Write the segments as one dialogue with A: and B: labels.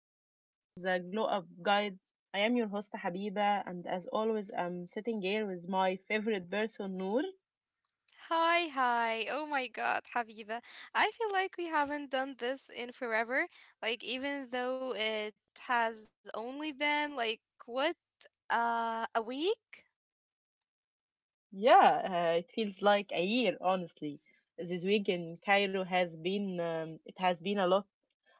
A: another episode of the Glow Up Guide. I am your host Habiba, and as always, I'm sitting here with my favorite person, Noor.
B: Hi, hi. Oh my God, Habiba. I feel like we haven't done this in forever. Like, even though it has only been like what, a week?
A: Yeah, it feels like a year, honestly. This week in Cairo has been it has been a lot,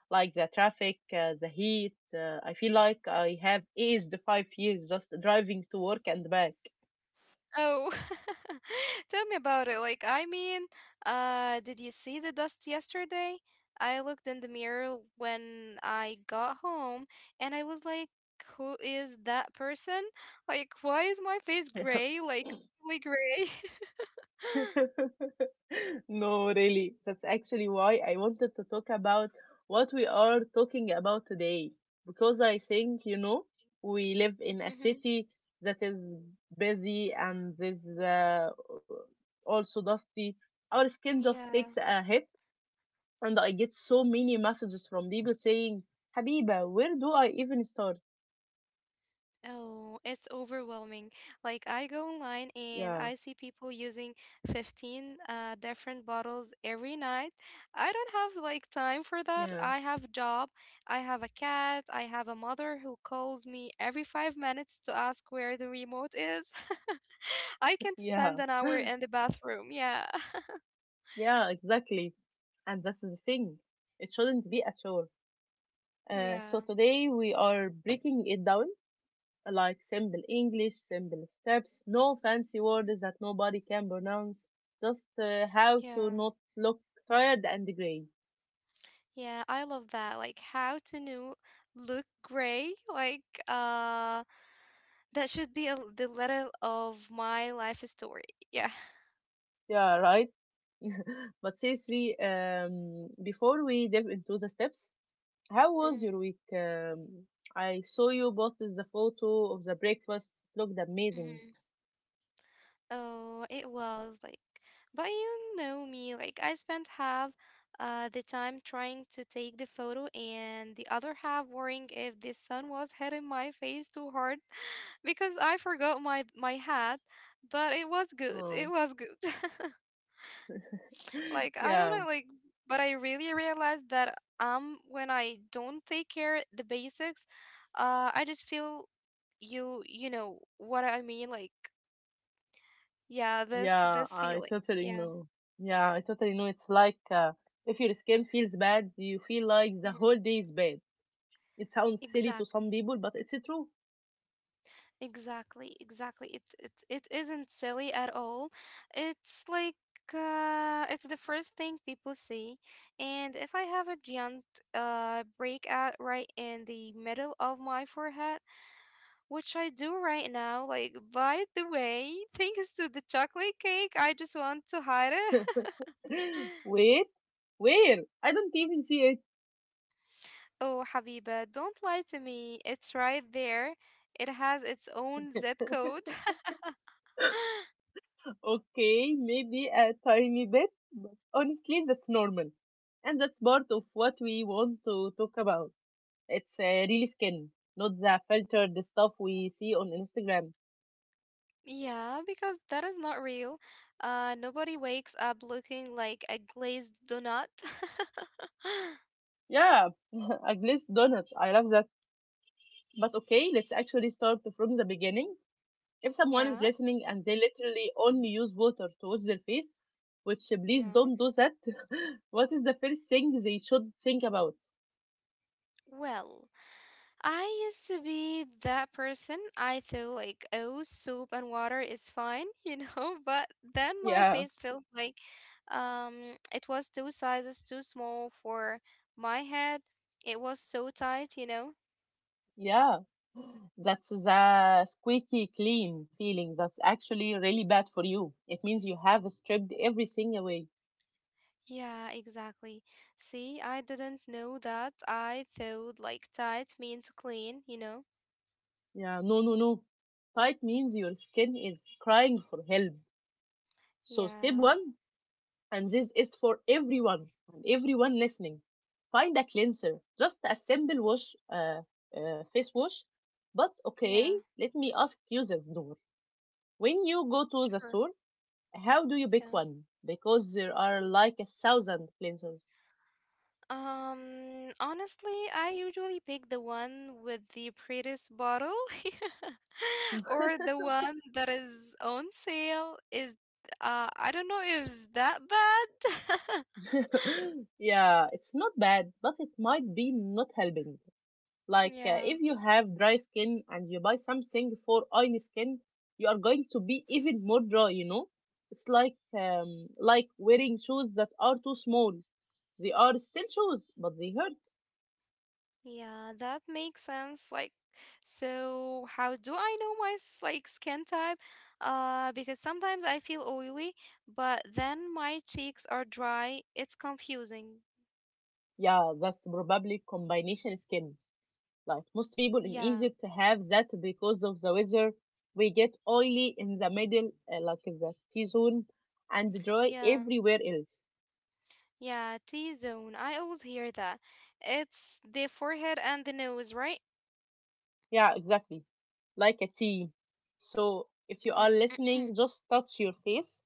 A: like the traffic, the heat. I feel like I have aged 5 years just driving to work and back.
B: Oh, tell me about it. Did you see the dust yesterday? I looked in the mirror when I got home and I was like, who is that person? Like, why is my face gray? Like, really gray?
A: no, really. That's actually why I wanted to talk about what we are talking about today. Because I think, you know, we live in a
B: mm
A: city that is busy and is also dusty. Our skin just takes
B: Yeah.
A: a hit, and I get so many messages from people saying, Habiba, where do I even start?
B: Oh, it's overwhelming. Like I go online
A: Yeah,
B: and I see people using 15 different bottles every night. I don't have like time for that.
A: yeah,
B: I have a job, I have a cat, I have a mother who calls me every 5 minutes to ask where the remote is. I can't
A: yeah,
B: spend an hour in the bathroom. Yeah.
A: yeah, exactly. And that's the thing. It shouldn't be a chore. So
B: Yeah.
A: today we are breaking it down like simple English, simple steps, no fancy words that nobody can pronounce, just how
B: Yeah.
A: to not look tired and gray.
B: Yeah, I love that. Like how to know look gray. That should be a, the letter of my life story. Yeah.
A: Yeah, right. but seriously, before we delve into the steps, how was
B: hmm
A: your week? I saw you posted the photo of the breakfast. It looked amazing.
B: hmm Oh, it was like, but you know me, like I spent half the time trying to take the photo and the other half worrying if the sun was hitting my face too hard because I forgot my hat, but it was good.
A: Mm.
B: It was good. Like I
A: Yeah,
B: wanna like but I really realized that when I don't take care the basics, I just feel you know what I mean like yeah this
A: yeah,
B: this
A: I
B: feeling
A: totally
B: yeah
A: know. Yeah, I totally know. It's like if your skin feels bad, you feel like the
B: mhm.
A: whole day is bad. It sounds silly to some
B: Exactly,
A: people, but it's true.
B: exactly, it isn't silly at all. It's like, it's the first thing people see. And if I have a giant breakout right in the middle of my forehead, which I do right now. Like, by the way, thanks to the chocolate cake, I just want to hide it.
A: Wait, where? I don't even see it.
B: Oh, Habiba, don't lie to me. It's right there. It has its own zip code.
A: Okay, maybe a tiny bit, but honestly, that's normal. And that's part of what we want to talk about. It's really skin, not the filtered stuff we see on Instagram.
B: Yeah, because that is not real. Nobody wakes up looking like a glazed donut.
A: Yeah, a glazed donut. I love that. But okay, let's actually start from the beginning. If someone
B: yeah,
A: is listening and they literally only use water to wash their face, which please
B: yeah.
A: don't do that, what is the first thing they should think about?
B: Well, I used to be that person. I thought like, oh, soup and water is fine, you know, but then my
A: Yeah,
B: face felt like it was two sizes too small for my head. It was so tight, you know.
A: yeah, that's the squeaky clean feeling. That's actually really bad for you. It means you have stripped everything away.
B: Yeah, exactly. See, I didn't know that. I thought like tight means clean, you know.
A: Yeah, no, no, no. Tight means your skin is crying for help. So, step
B: Yeah.
A: one, and this is for everyone and everyone listening. Find a cleanser, just a simple wash, face wash. But
B: Yeah,
A: okay, let me ask you this, Noor. When you go to the
B: sure.
A: store, how do you pick
B: Yeah.
A: one? Because there are like a thousand cleansers.
B: Honestly, I usually pick the one with the prettiest bottle or the one that is on sale. Is I don't know if it's that bad.
A: yeah, it's not bad, but it might be not helping. Like
B: Yeah.
A: if you have dry skin and you buy something for oily skin, you are going to be even more dry, you know? It's like wearing shoes that are too small. They are still shoes, but they hurt.
B: Yeah, that makes sense. Like, so how do I know my like skin type? Because sometimes I feel oily, but then my cheeks are dry. It's confusing.
A: Yeah, that's probably combination skin. Like most people in
B: Yeah.
A: Egypt have that because of the weather. We get oily in the middle, like in the T zone, and dry
B: Yeah.
A: everywhere else.
B: Yeah, T zone. I always hear that. It's the forehead and the nose, right?
A: Yeah, exactly. Like a team. So if you are
B: Mhm.
A: listening, just touch your face.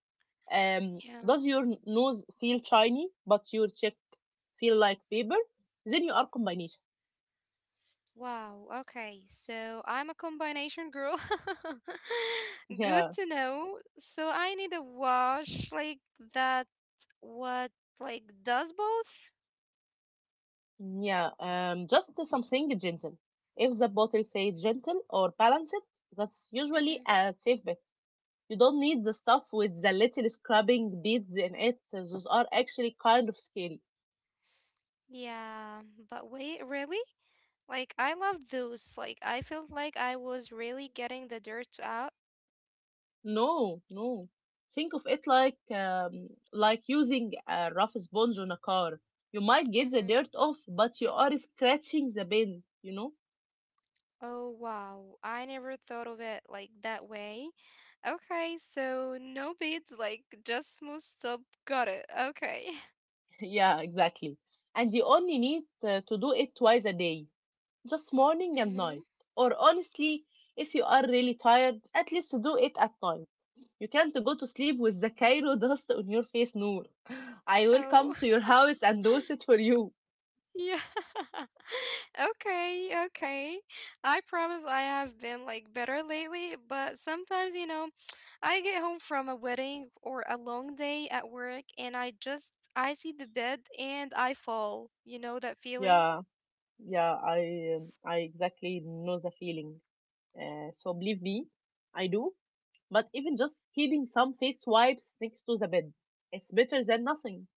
B: Yeah.
A: Does your nose feel shiny, but your cheek feel like paper? Then you are combination.
B: Wow. Okay. So I'm a combination girl. Good
A: Yeah,
B: to know. So I need a wash like that what like does both?
A: yeah. Just something gentle. If the bottle says gentle or balance it, that's
B: hmm
A: usually a safe bet. You don't need the stuff with the little scrubbing beads in it. Those are actually kind of scary.
B: Yeah. But wait, really? Like I love those. Like I felt like I was really getting the dirt out.
A: No, no. Think of it like using a rough sponge on a car. You might get the dirt off, but you are scratching the bin, you know?
B: Oh, wow. I never thought of it like that way. Okay, so no beads, like just smooth soap. Got it. Okay.
A: Yeah, exactly. And you only need to do it twice a day, just morning and
B: hmm
A: night. Or honestly, if you are really tired, at least do it at night. You can't go to sleep with the Cairo dust on your face, Noor. I will come
B: Oh,
A: to your house and wash it for you.
B: yeah. Okay, okay. I promise I have been like better lately, but sometimes, you know, I get home from a wedding or a long day at work and I just I see the bed and I fall. You know that feeling?
A: Yeah, yeah, I exactly know the feeling. So believe me, I do. But even just keeping some face wipes next to the bed, it's better than nothing.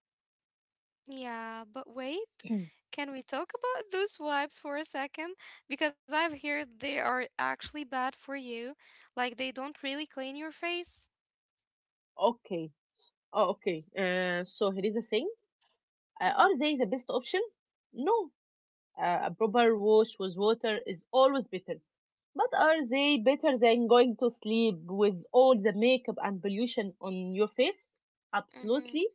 B: Yeah, but wait, can we talk about those wipes for a second? Because I've heard they are actually bad for you, like they don't really clean your face.
A: okay. Oh, okay. So here is the thing.
B: Mm-hmm.
A: Are they the best option? No. A proper wash with water is always better. But are they better than going to sleep with all the makeup and pollution on your face?
B: Mm-hmm.
A: Absolutely,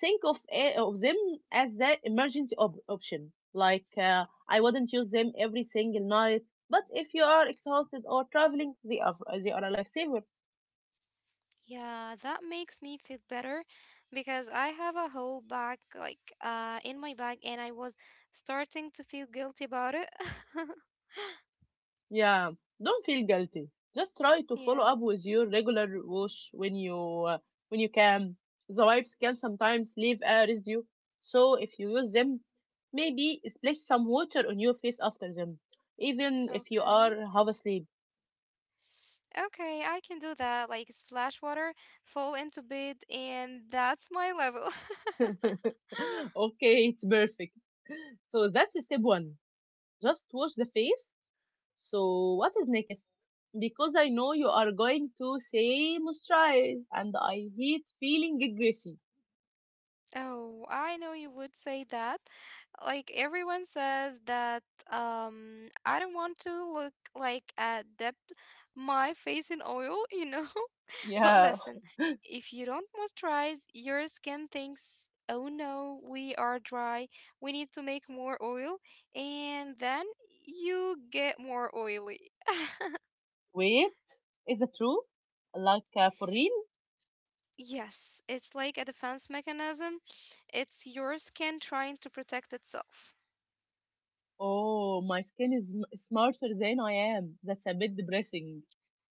A: think of them as the emergency option. Like I wouldn't use them every single night, but if you are exhausted or traveling, they are a lifesaver.
B: Yeah, that makes me feel better because I have a whole bag like in my bag and I was starting to feel guilty about it.
A: Yeah, don't feel guilty. Just try to follow
B: Yeah,
A: up with your regular wash when uh, you can. The wipes can sometimes leave a residue, so if you use them, maybe splash some water on your face after them, even if you
B: okay.
A: are half asleep.
B: Okay, I can do that. Like splash water, fall into bed, and that's my level.
A: Okay, it's perfect. So that's step one. Just wash the face. So what is next? Because I know you are going to say moisturize and I hate feeling greasy.
B: Oh, I know you would say that. Like everyone says that I don't want to look like a dip my face in oil, you know? But
A: Yeah.
B: listen, if you don't moisturize, your skin thinks, "Oh no, we are dry. We need to make more oil." And then you get more oily.
A: Wait, is it true? Like for real?
B: Yes, it's like a defense mechanism. It's your skin trying to protect itself.
A: Oh, my skin is smarter than I am. That's a bit depressing.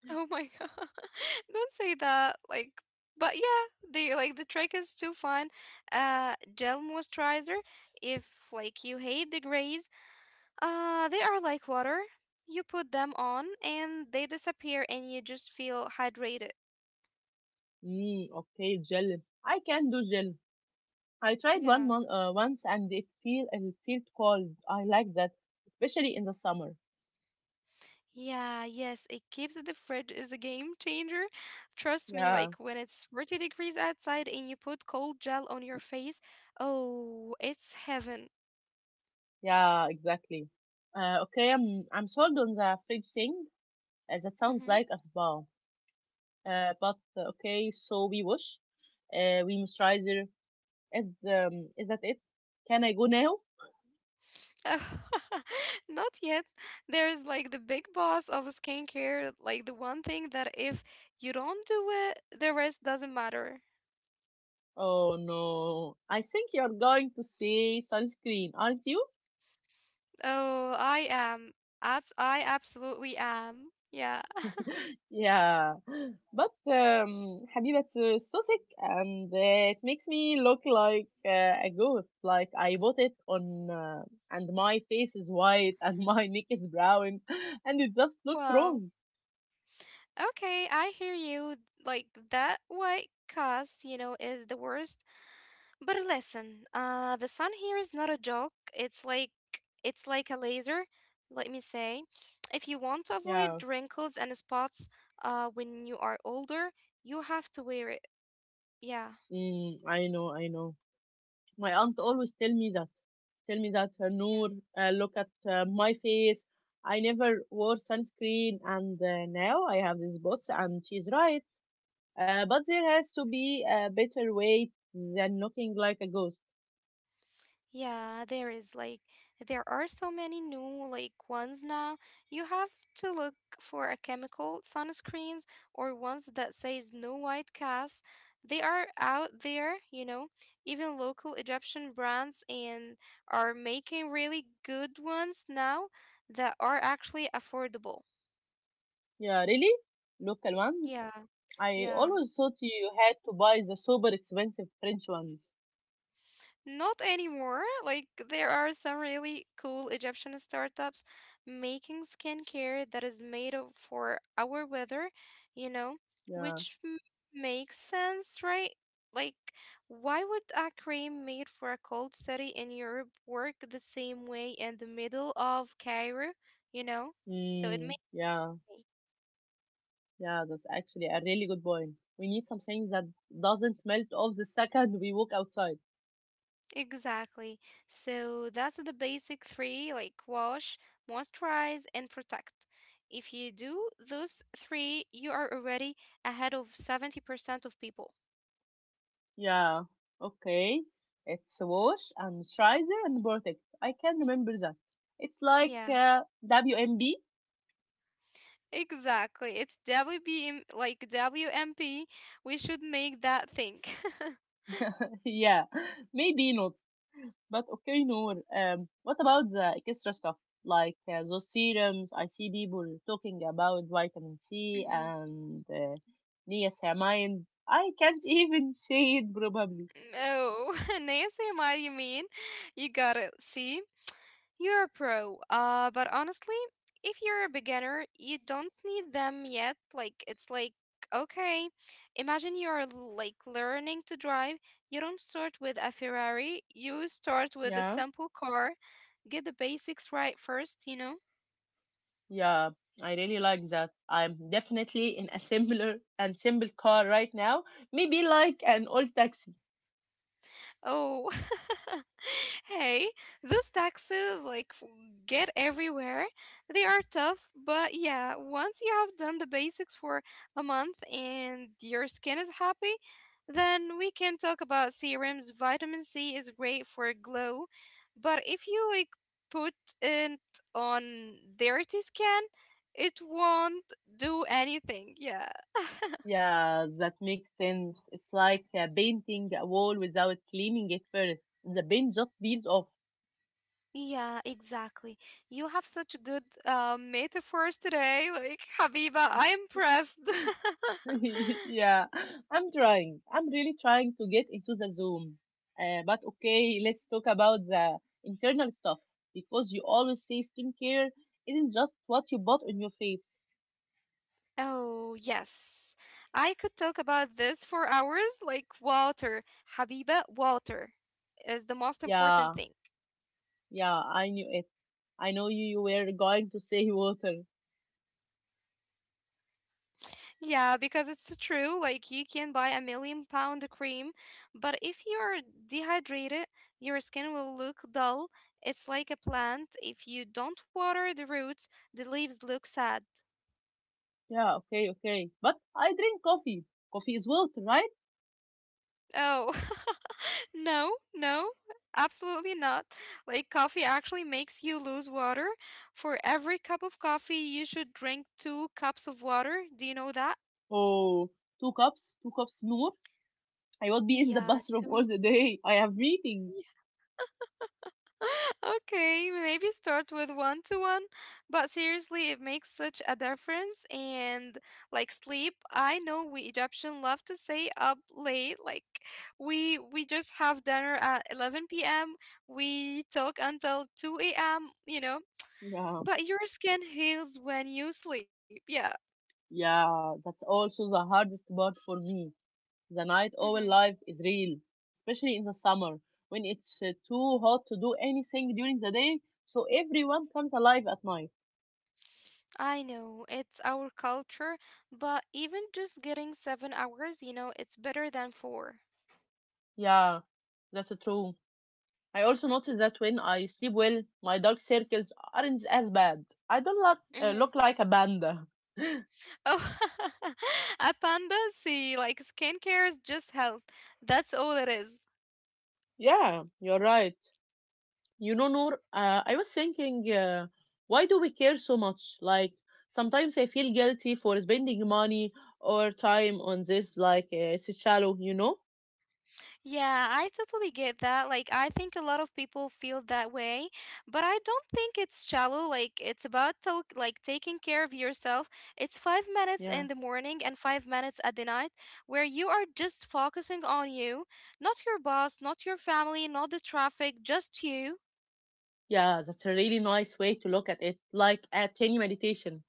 B: Oh my god. Don't say that. Like but yeah, the trick is to find gel moisturizer. If like you hate the grays, they are like water. You put them on and they disappear and you just feel hydrated.
A: Mm, okay, gel. I can do gel. I tried
B: Yeah.
A: once and it felt cold. I like that, especially in the summer.
B: Yeah, yes, it keeps the fridge is a game changer. Trust me, like
A: Yeah,
B: when it's 40 degrees outside and you put cold gel on your face, oh, it's heaven.
A: yeah, exactly. Okay, I'm sold on the fridge thing. That sounds like a spa. But okay, so we wash, we moisturizer. Is that it? Can I go now?
B: Not yet. There's like the big boss of skincare, like the one thing that if you don't do it, the rest doesn't matter.
A: Oh no, I think you're going to say sunscreen, aren't you?
B: Oh, I am. I absolutely am. Yeah.
A: Yeah, but Habibat حبيبة صوصك and it makes me look like a ghost. Like I bought it on, and my face is white and my neck is brown, and it just looks
B: Wow.
A: wrong.
B: Okay, I hear you. Like that white cast, you know, is the worst. But listen, the sun here is not a joke. It's like a laser. Let me say, if you want to avoid
A: Yeah,
B: wrinkles and spots, when you are older, you have to wear it. Yeah,
A: mm, I know, I know. My aunt always tell me that. Tell me that, Noor,
B: yeah.
A: look at my face. I never wore sunscreen, and now I have this bots, and she's right. But there has to be a better way than looking like a ghost.
B: Yeah, there is like there are so many new like ones now. You have to look for a chemical sunscreens or ones that says no white cast. They are out there, you know. Even local Egyptian brands and are making really good ones now that are actually affordable.
A: Yeah, really? Local ones?
B: Yeah.
A: I
B: Yeah.
A: always thought you had to buy the super expensive French ones.
B: Not anymore. Like, there are some really cool Egyptian startups making skincare that is made of for our weather, you know,
A: Yeah.
B: which makes sense, right? Like, why would a cream made for a cold city in Europe work the same way in the middle of Cairo, you know? So it
A: Mm,
B: makes
A: yeah. Yeah, that's actually a really good point. We need something that doesn't melt off the second we walk outside.
B: Exactly. So that's the basic three like wash, moisturize, and protect. If you do those three, you are already ahead of 70% of people.
A: Yeah. Okay. It's wash and moisturizer and perfect. I can remember that. It's like
B: Yeah,
A: WMB.
B: exactly. It's WBM, like WMP. We should make that thing.
A: yeah. Maybe not. But okay, Noor, what about the extra stuff? Like those serums, I see people talking about vitamin C
B: Mhm.
A: and niacinamide. I can't even say it probably.
B: Oh, Nancy, what do you mean? You got it. See? You're a pro, but honestly, if you're a beginner, you don't need them yet. Like, it's like, okay, imagine you're like learning to drive. You don't start with a Ferrari, you start with a
A: Yeah,
B: simple car. Get the basics right first, you know?
A: yeah, I really like that. I'm definitely in a similar and simple car right now. Maybe like an old taxi.
B: Oh, hey, those taxes like get everywhere. They are tough, but yeah, once you have done the basics for a month and your skin is happy, then we can talk about serums. Vitamin C is great for glow, but if you like put it on dirty skin, it won't do anything. Yeah.
A: Yeah, that makes sense. It's like painting a wall without cleaning it first. The paint just peels off.
B: Yeah, exactly. You have such good metaphors today. Like, Habiba, I am impressed.
A: yeah, I'm trying. I'm really trying to get into the Zoom. But okay, let's talk about the internal stuff because you always say skincare isn't just what you bought on your face.
B: Oh, yes. I could talk about this for hours. Like, water. Habiba, water is the most
A: Yeah,
B: important thing.
A: yeah, I knew it. I know you, you were going to say water.
B: Yeah, because it's true. Like, you can buy a million pound cream, but if you're dehydrated, your skin will look dull. It's like a plant. If you don't water the roots, the leaves look sad.
A: Yeah, okay, okay. But I drink coffee. Coffee is water, right?
B: Oh. No, no, absolutely not. Like, coffee actually makes you lose water. For every cup of coffee, you should drink two cups of water. Do you know that?
A: Oh, two cups more. I would be in the
B: Yeah,
A: bathroom all
B: two.
A: the day. I have meetings.
B: Okay, maybe start with one to one, but seriously, it makes such a difference. And like sleep, I know we Egyptian love to stay up late. Like we just have dinner at 11 p.m. We talk until 2 a.m. You know,
A: Yeah.
B: but your skin heals when you sleep. Yeah.
A: Yeah, that's also the hardest part for me. The night
B: hmm
A: owl life is real, especially in the summer when it's too hot to do anything during the day, so everyone comes alive at night.
B: I know it's our culture, but even just getting 7 hours, you know, it's better than 4.
A: Yeah, that's true. I also noticed that when I sleep well, my dark circles aren't as bad. I don't
B: Mm-hmm.
A: look like a panda.
B: Oh, a panda see, like skincare is just health. That's all it is.
A: yeah, you're right. You know, Noor, I was thinking, why do we care so much? Like, sometimes I feel guilty for spending money or time on this, like, it's shallow, you know?
B: Yeah, I totally get that. Like, I think a lot of people feel that way, but I don't think it's shallow. Like, it's about to like taking care of yourself. It's 5 minutes
A: Yeah.
B: in the morning and 5 minutes at the night where you are just focusing on you, not your boss, not your family, not the traffic, just you.
A: Yeah, that's a really nice way to look at it, like a tiny meditation.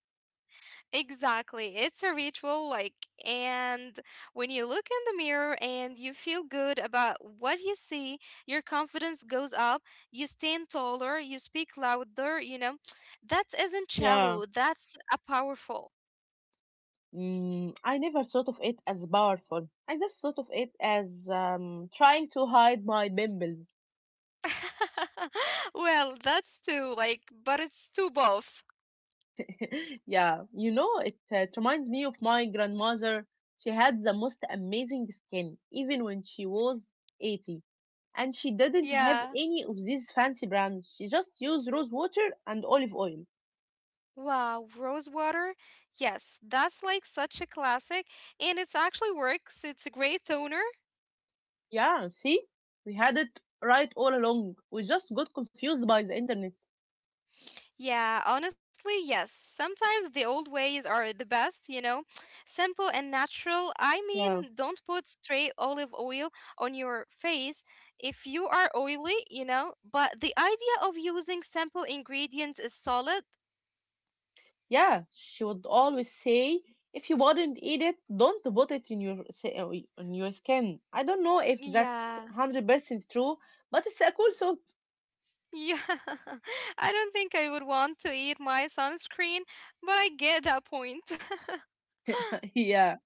B: Exactly. It's a ritual like and when you look in the mirror and you feel good about what you see, your confidence goes up, you stand taller, you speak louder, you know. That isn't
A: Yeah.
B: shallow, that's a powerful.
A: Mm, I never thought of it as powerful. I just thought of it as trying to hide my bimbles.
B: Well, that's too like but it's too both.
A: yeah, you know, it reminds me of my grandmother. She had the most amazing skin, even when she was 80. And she didn't have
B: Yeah.
A: any of these fancy brands. She just used rose water and olive oil.
B: Wow, Rose water. Yes, that's like such a classic and it's actually works. It's a great toner.
A: Yeah, see? We had it right all along. We just got confused by the internet.
B: Yeah, honestly, yes. Sometimes the old ways are the best, you know. Simple and natural. I
A: Yeah.
B: mean, don't put straight olive oil on your face if you are oily, you know. But the idea of using simple ingredients is solid.
A: Yeah, she would always say, if you wouldn't eat it, don't put it in your on your skin. I don't know if that's
B: Yeah.
A: 100% true, but it's a cool thought.
B: Yeah. I don't think I would want to eat my sunscreen, but I get that point.
A: Yeah.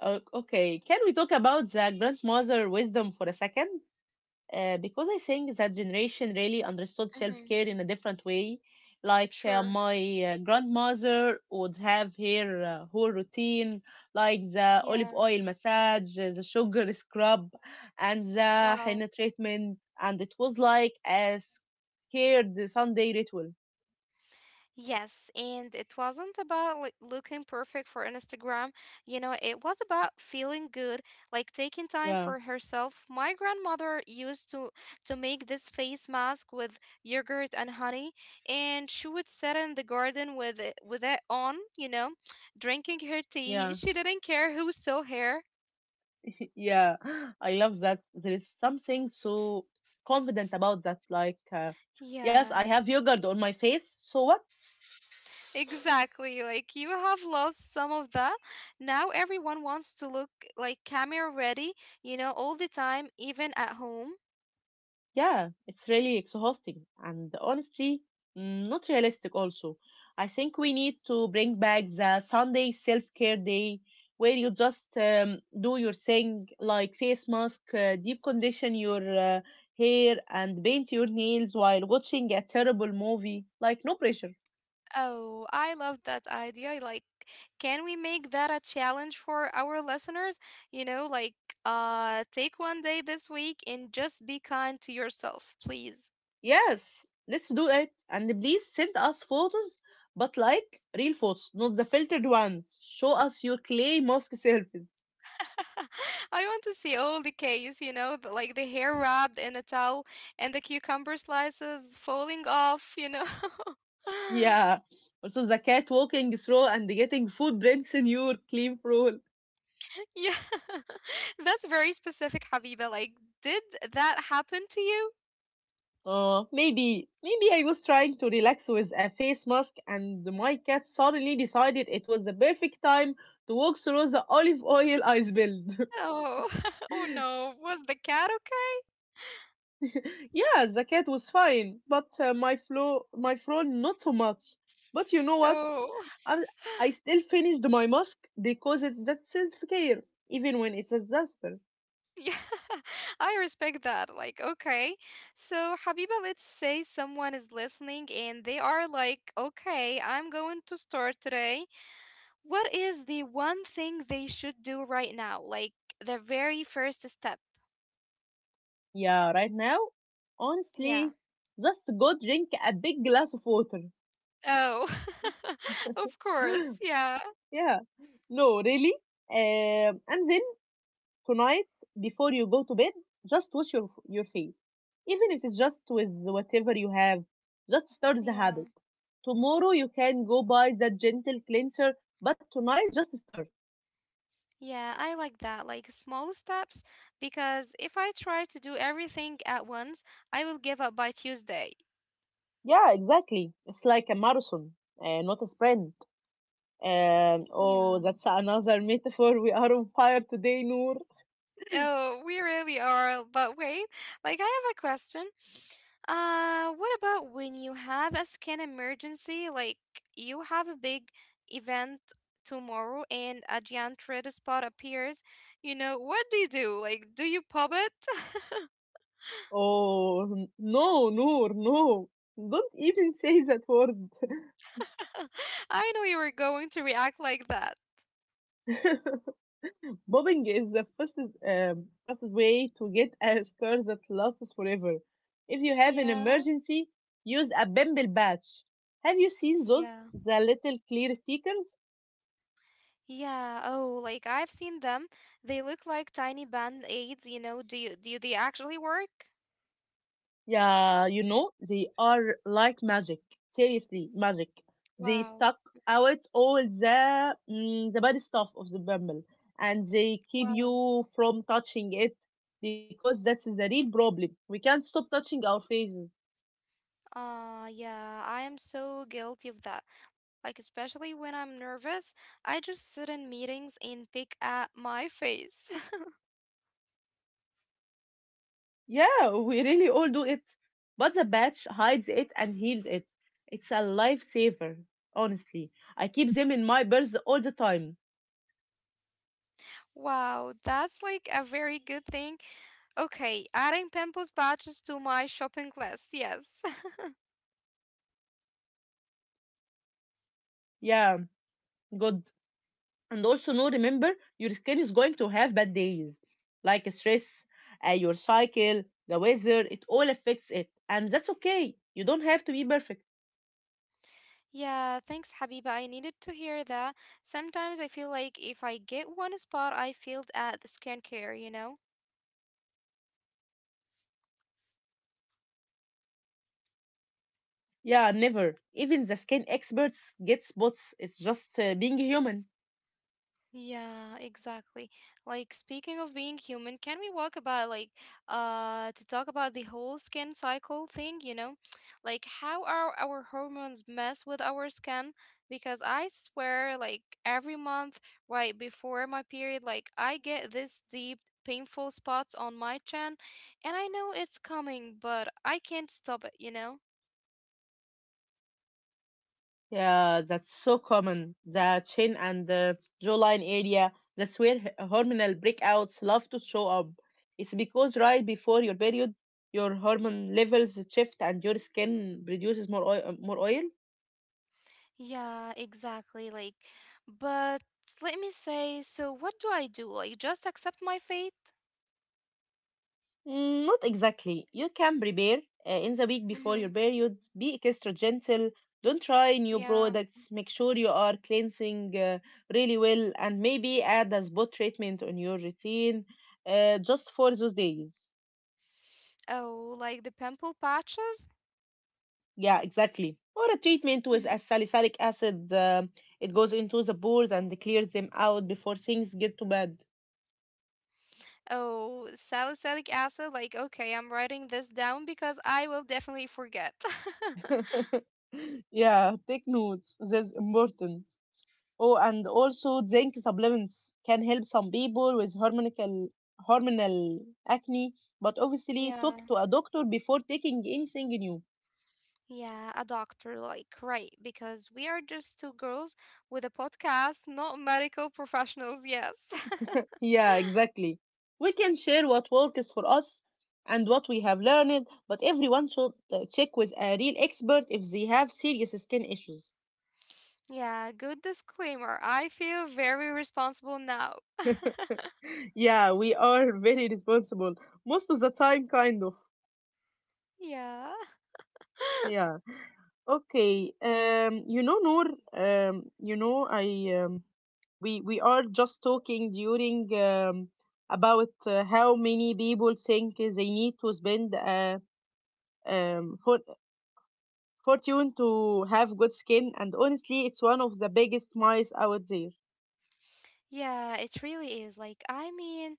A: O- Okay. Can we talk about the grandmother wisdom for a second? Because I think that generation really understood
B: hmm
A: self-care in a different way. Like uh,
B: Sure.
A: my uh, grandmother would have her whole routine, like the
B: Yeah.
A: olive oil massage, the sugar scrub, and the
B: Wow.
A: henna treatment, and it was like a scared Sunday ritual.
B: Yes, and it wasn't about like looking perfect for Instagram. You know, it was about feeling good, like taking time
A: Yeah,
B: for herself. My grandmother used to make this face mask with yogurt and honey, and she would sit in the garden with it on, you know, drinking her tea.
A: yeah.
B: She didn't care who saw her.
A: Yeah, I love that. There is something so confident about that. Like, yes, I
B: Yeah.
A: have yogurt on my face. So what?
B: Exactly. Like you have lost some of that. Now everyone wants to look like camera ready, you know, all the time, even at home.
A: Yeah, it's really exhausting and honestly, not realistic. Also, I think we need to bring back the Sunday self care day where you just do your thing like face mask, deep condition your hair, and paint your nails while watching a terrible movie. Like, no pressure.
B: Oh, I love that idea. Like, can we make that a challenge for our listeners? You know, like, take one day this week and just be kind to yourself, please.
A: Yes, let's do it. And please send us photos, but like real photos, not the filtered ones. Show us your clay mosque surface.
B: I want to see all the case, you know, like the hair wrapped in a towel and the cucumber slices falling off, you know.
A: Yeah. Also, the cat walking through and getting footprints in your clean floor.
B: Yeah, that's very specific, Habiba. Like, did that happen to you?
A: Oh, maybe I was trying to relax with a face mask, and my cat suddenly decided it was the perfect time to walk through the olive oil I spilled.
B: Oh, oh no. Was the cat okay?
A: Yeah, the cat was fine, but my flow, my fro, not so much. But you know what?
B: Oh,
A: I, I still finished my mask because it's that self care, even when it's a disaster.
B: yeah. I respect that. Like, okay. So, Habiba, let's say someone is listening and they are like, okay, I'm going to start today. What is the one thing they should do right now? Like, the very first step?
A: Yeah, right now, honestly,
B: Yeah.
A: just go drink a big glass of water.
B: Oh, of
A: Yeah,
B: course. Yeah.
A: no, really. And then tonight, before you go to bed, just wash your face, even if it's just with whatever you have. Just start the habit.
B: Yeah.
A: Tomorrow you can go buy that gentle cleanser, but tonight just start.
B: Yeah, I like that, like small steps, because if I try to do everything at once, I will give up by Tuesday.
A: Yeah, exactly. It's like a marathon, not a sprint.
B: Yeah.
A: Oh, that's another metaphor. We are on fire today, Noor.
B: Oh, we really are. But wait, like I have a question. What about when you have a skin emergency? Like you have a big event tomorrow and a giant red spot appears. You know, what do you do? Like, do you pop it?
A: Oh, no, Noor, no. Don't even say that word.
B: I know you were going to react like that.
A: Bobbing is the fastest, fastest way to get a scar that lasts forever. If you have an
B: Yeah,
A: emergency, use a bumble patch. Have you seen those? The
B: yeah.
A: little clear stickers?
B: Yeah, oh, like I've seen them. They look like tiny band aids, you know. Do they actually work?
A: Yeah, you know, they are like magic. Seriously, magic. They suck
B: Wow.
A: out all the the bad stuff of the bumble, and they keep
B: Wow.
A: you from touching it because that's the real problem. We can't stop touching our faces.
B: Ah, yeah, I am so guilty of that. Like especially when I'm nervous, I just sit in meetings and pick at my face.
A: Yeah, we really all do it. But the patch hides it and heals it. It's a lifesaver, honestly. I keep them in my purse all the time.
B: Wow, that's like a very good thing. Okay, adding pimples patches to my shopping list. Yes.
A: Yeah, good. And also no, remember, your skin is going to have bad days like stress, your cycle, the weather. It all affects it and that's okay. You don't have to be perfect.
B: Yeah, thanks, Habiba. I needed to hear that. Sometimes I feel like if I get one spot, I failed at the skincare, you know?
A: Yeah, never. Even the skin experts get spots. It's just being human.
B: Yeah, exactly. Like speaking of being human, can we walk about like to talk about the whole skin cycle thing, you know? Like how our hormones mess with our skin because I swear like every month right before my period like I get this deep painful spots on my chin and I know it's coming, but I can't stop it, you know?
A: Yeah, that's so common. The chin and the jawline area, that's where hormonal breakouts love to show up. It's because right before your period, your hormone levels shift and your skin produces more oil, more oil.
B: Yeah, exactly. Like, but let me say, so what do I do? Like, just accept my fate?
A: Mm, not exactly. You can prepare in the week before your
B: Mm-hmm.
A: period. Be extra gentle. Don't try new
B: Yeah.
A: products. Make sure you are cleansing really well and maybe add a spot treatment on your routine, just for those days.
B: Oh, like the pimple patches?
A: Yeah, exactly. Or a treatment with a
B: Mhm.
A: salicylic acid. It goes into the pores and clears them out before things get too bad.
B: Oh, salicylic acid. Like, okay, I'm writing this down because I will definitely forget.
A: Yeah, take notes. That's important. Oh, and also zinc supplements can help some people with hormonal acne, but obviously talk
B: Yeah.
A: to a doctor before taking anything new.
B: Yeah, a doctor, like, right, because we are just two girls with a podcast, not medical professionals, yes.
A: Yeah, exactly. We can share what works for us and what we have learned, but everyone should check with a real expert if they have serious skin issues.
B: Yeah, good disclaimer. I feel very responsible now.
A: Yeah, we are very responsible most of the time, kind of.
B: Yeah,
A: Yeah. Okay. You know, Noor. You know, I. Um, we are just talking during about how many people think they need to spend a um, for, fortune to have good skin, and honestly, it's one of the biggest myths out there.
B: yeah, it really is. Like, I mean,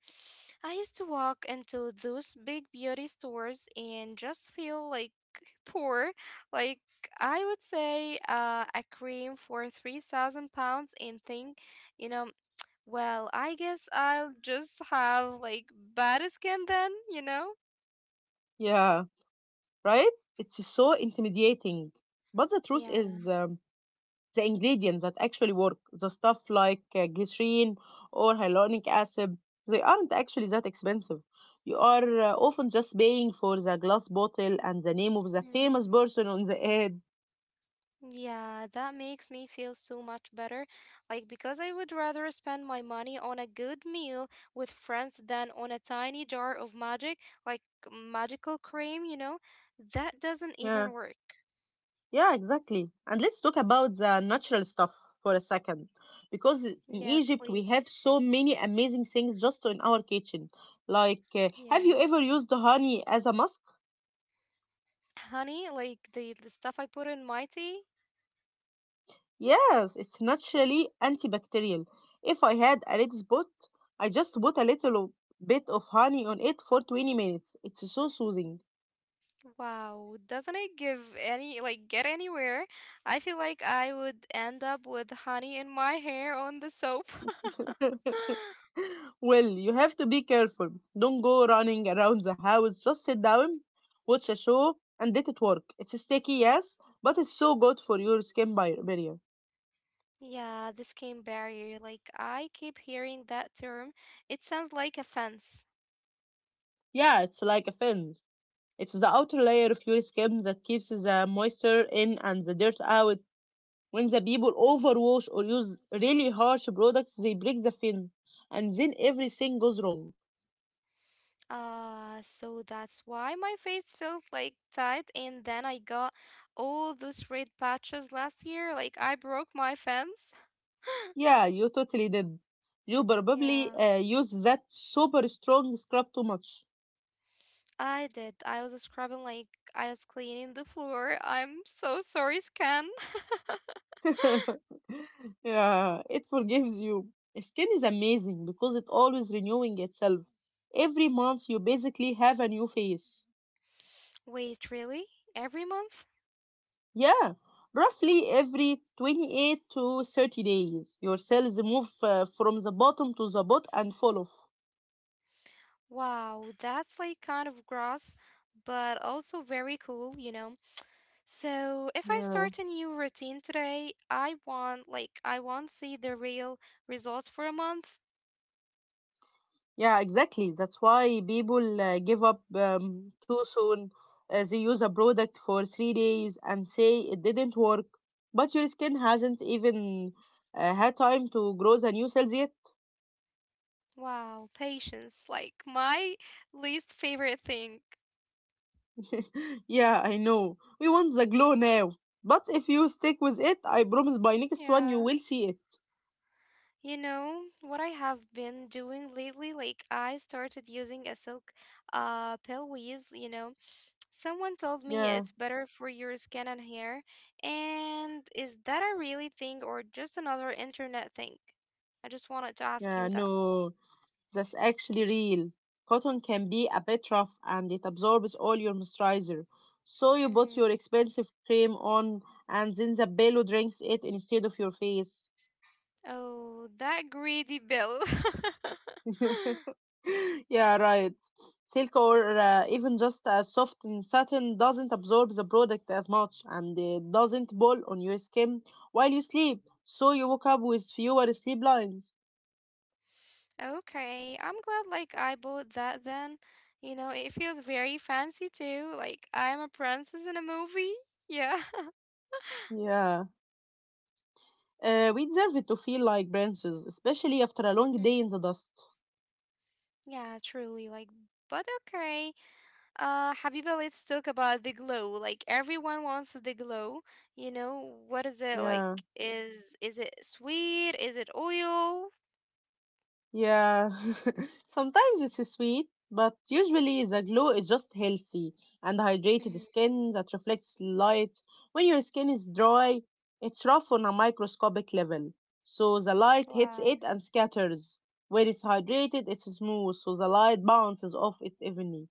B: I used to walk into those big beauty stores and just feel like poor. Like, I would say a cream for 3,000 pounds and think, you know, well, I guess I'll just have like bad skin then, you know?
A: Yeah, right? It's so intimidating, but the truth
B: Yeah.
A: is. The ingredients that actually work, the stuff like glycerin or hyaluronic acid, they aren't actually that expensive. You are often just paying for the glass bottle and the name of the famous person on the ad.
B: Yeah, that makes me feel so much better. Like, because I would rather spend my money on a good meal with friends than on a tiny jar of magic, like magical cream, you know? That doesn't
A: Yeah,
B: even work.
A: yeah, exactly. And let's talk about the natural stuff for a second. Because in
B: Yes, please.
A: Egypt, we have so many amazing things just in our kitchen. Like,
B: Yeah.
A: have you ever used honey as a mask?
B: Honey, like the stuff I put in my tea,
A: Yes, it's naturally antibacterial. If I had a red spot, I just put a bit of honey on it for 20 minutes. It's so soothing.
B: wow, doesn't it give any, like, get anywhere? I feel like I would end up with honey in my hair on the soap.
A: Well, you have to be careful. Don't go running around the house. Just sit down, watch a show, and let it work. It's sticky, yes, but it's so good for your skin barrier.
B: Yeah, the skin barrier. Like I keep hearing that term. It sounds like a fence.
A: Yeah, it's like a fence. It's the outer layer of your skin that keeps the moisture in and the dirt out. When the people overwash or use really harsh products, they break the fin, and then everything goes wrong.
B: So that's why my face felt like tight, and then I got all those red patches last year. Like I broke my fence.
A: Yeah, you totally did. You
B: Yeah,
A: probably use that super strong scrub too much.
B: I did. I was scrubbing like I was cleaning the floor. I'm so sorry, Scan.
A: Yeah, it forgives you. Skin is amazing because it always renewing itself. Every month you basically have a new face.
B: Wait, really? Every month?
A: Yeah, roughly every 28 to 30 days, your cells move from the bottom to the bot and fall off.
B: Wow, that's like kind of gross, but also very cool, you know. So if I
A: Yeah.
B: start a new routine today, I want to see the real results for a month.
A: Yeah, exactly. That's why people give up too soon. They use a product for 3 days and say it didn't work, but your skin hasn't even had time to grow the new cells yet.
B: Wow, patience, like my least favorite thing.
A: Yeah, I know. We want the glow now. But if you stick with it, I promise by next one you
B: Yeah.
A: will see it.
B: You know what I have been doing lately? Like I started using a silk pillowcase, you know. Someone told me
A: Yeah,
B: it's better for your skin and hair. And is that a really thing or just another internet thing? I just wanted to ask you
A: yeah,
B: that.
A: no. That's actually real. Cotton can be a bit rough and it absorbs all your moisturizer. So you put
B: Mm-hmm.
A: your expensive cream on and then the pillow drinks it instead of your face.
B: Oh, that greedy bill.
A: Yeah, right. Silk or even just a soft and satin doesn't absorb the product as much and it doesn't ball on your skin while you sleep. So you wake up with fewer sleep lines.
B: Okay, I'm glad like I bought that then. You know, it feels very fancy too. Like I'm a princess in a movie. Yeah.
A: Yeah. We deserve it to feel like princes, especially after a
B: Mhm.
A: long day in the dust.
B: Yeah, truly like but okay. Habiba, let's talk about the glow. Like everyone wants the glow. You know, what is it like
A: Yeah,
B: is it sweet? Is it oil?
A: yeah. Sometimes it's sweet, but usually the glow is just healthy and hydrated
B: Mhm.
A: skin that reflects light. When your skin is dry, it's rough on a microscopic level, so the light hits
B: Wow.
A: it and scatters. When it's hydrated, it's smooth, so the light bounces off it evenly.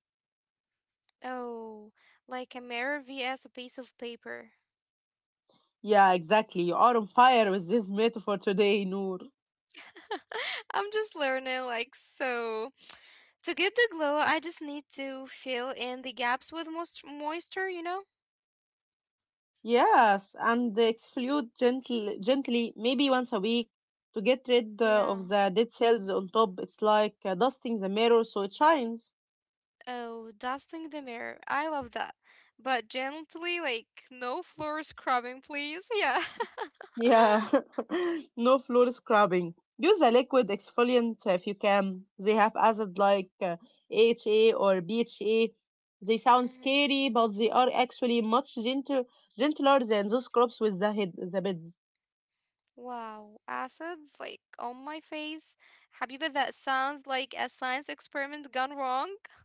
B: Oh, like a mirror vs a piece of paper.
A: Yeah, exactly. You are on fire with this metaphor today, Noor.
B: I'm just learning, like, so to get the glow, I just need to fill in the gaps with moisture, you know?
A: Yes, and exfoliate gently, maybe once a week to get rid
B: Yeah.
A: of the dead cells on top. It's like dusting the mirror so it shines.
B: Oh, dusting the mirror. I love that. But gently, like, no floor scrubbing, please. Yeah.
A: Yeah, no floor scrubbing. Use a liquid exfoliant if you can. They have acid like AHA or BHA. They sound
B: Mhm.
A: scary, but they are actually much gentle, gentler than those scrubs with the head, the beds.
B: Wow, acids like on my face. Habiba, that sounds like a science experiment gone wrong.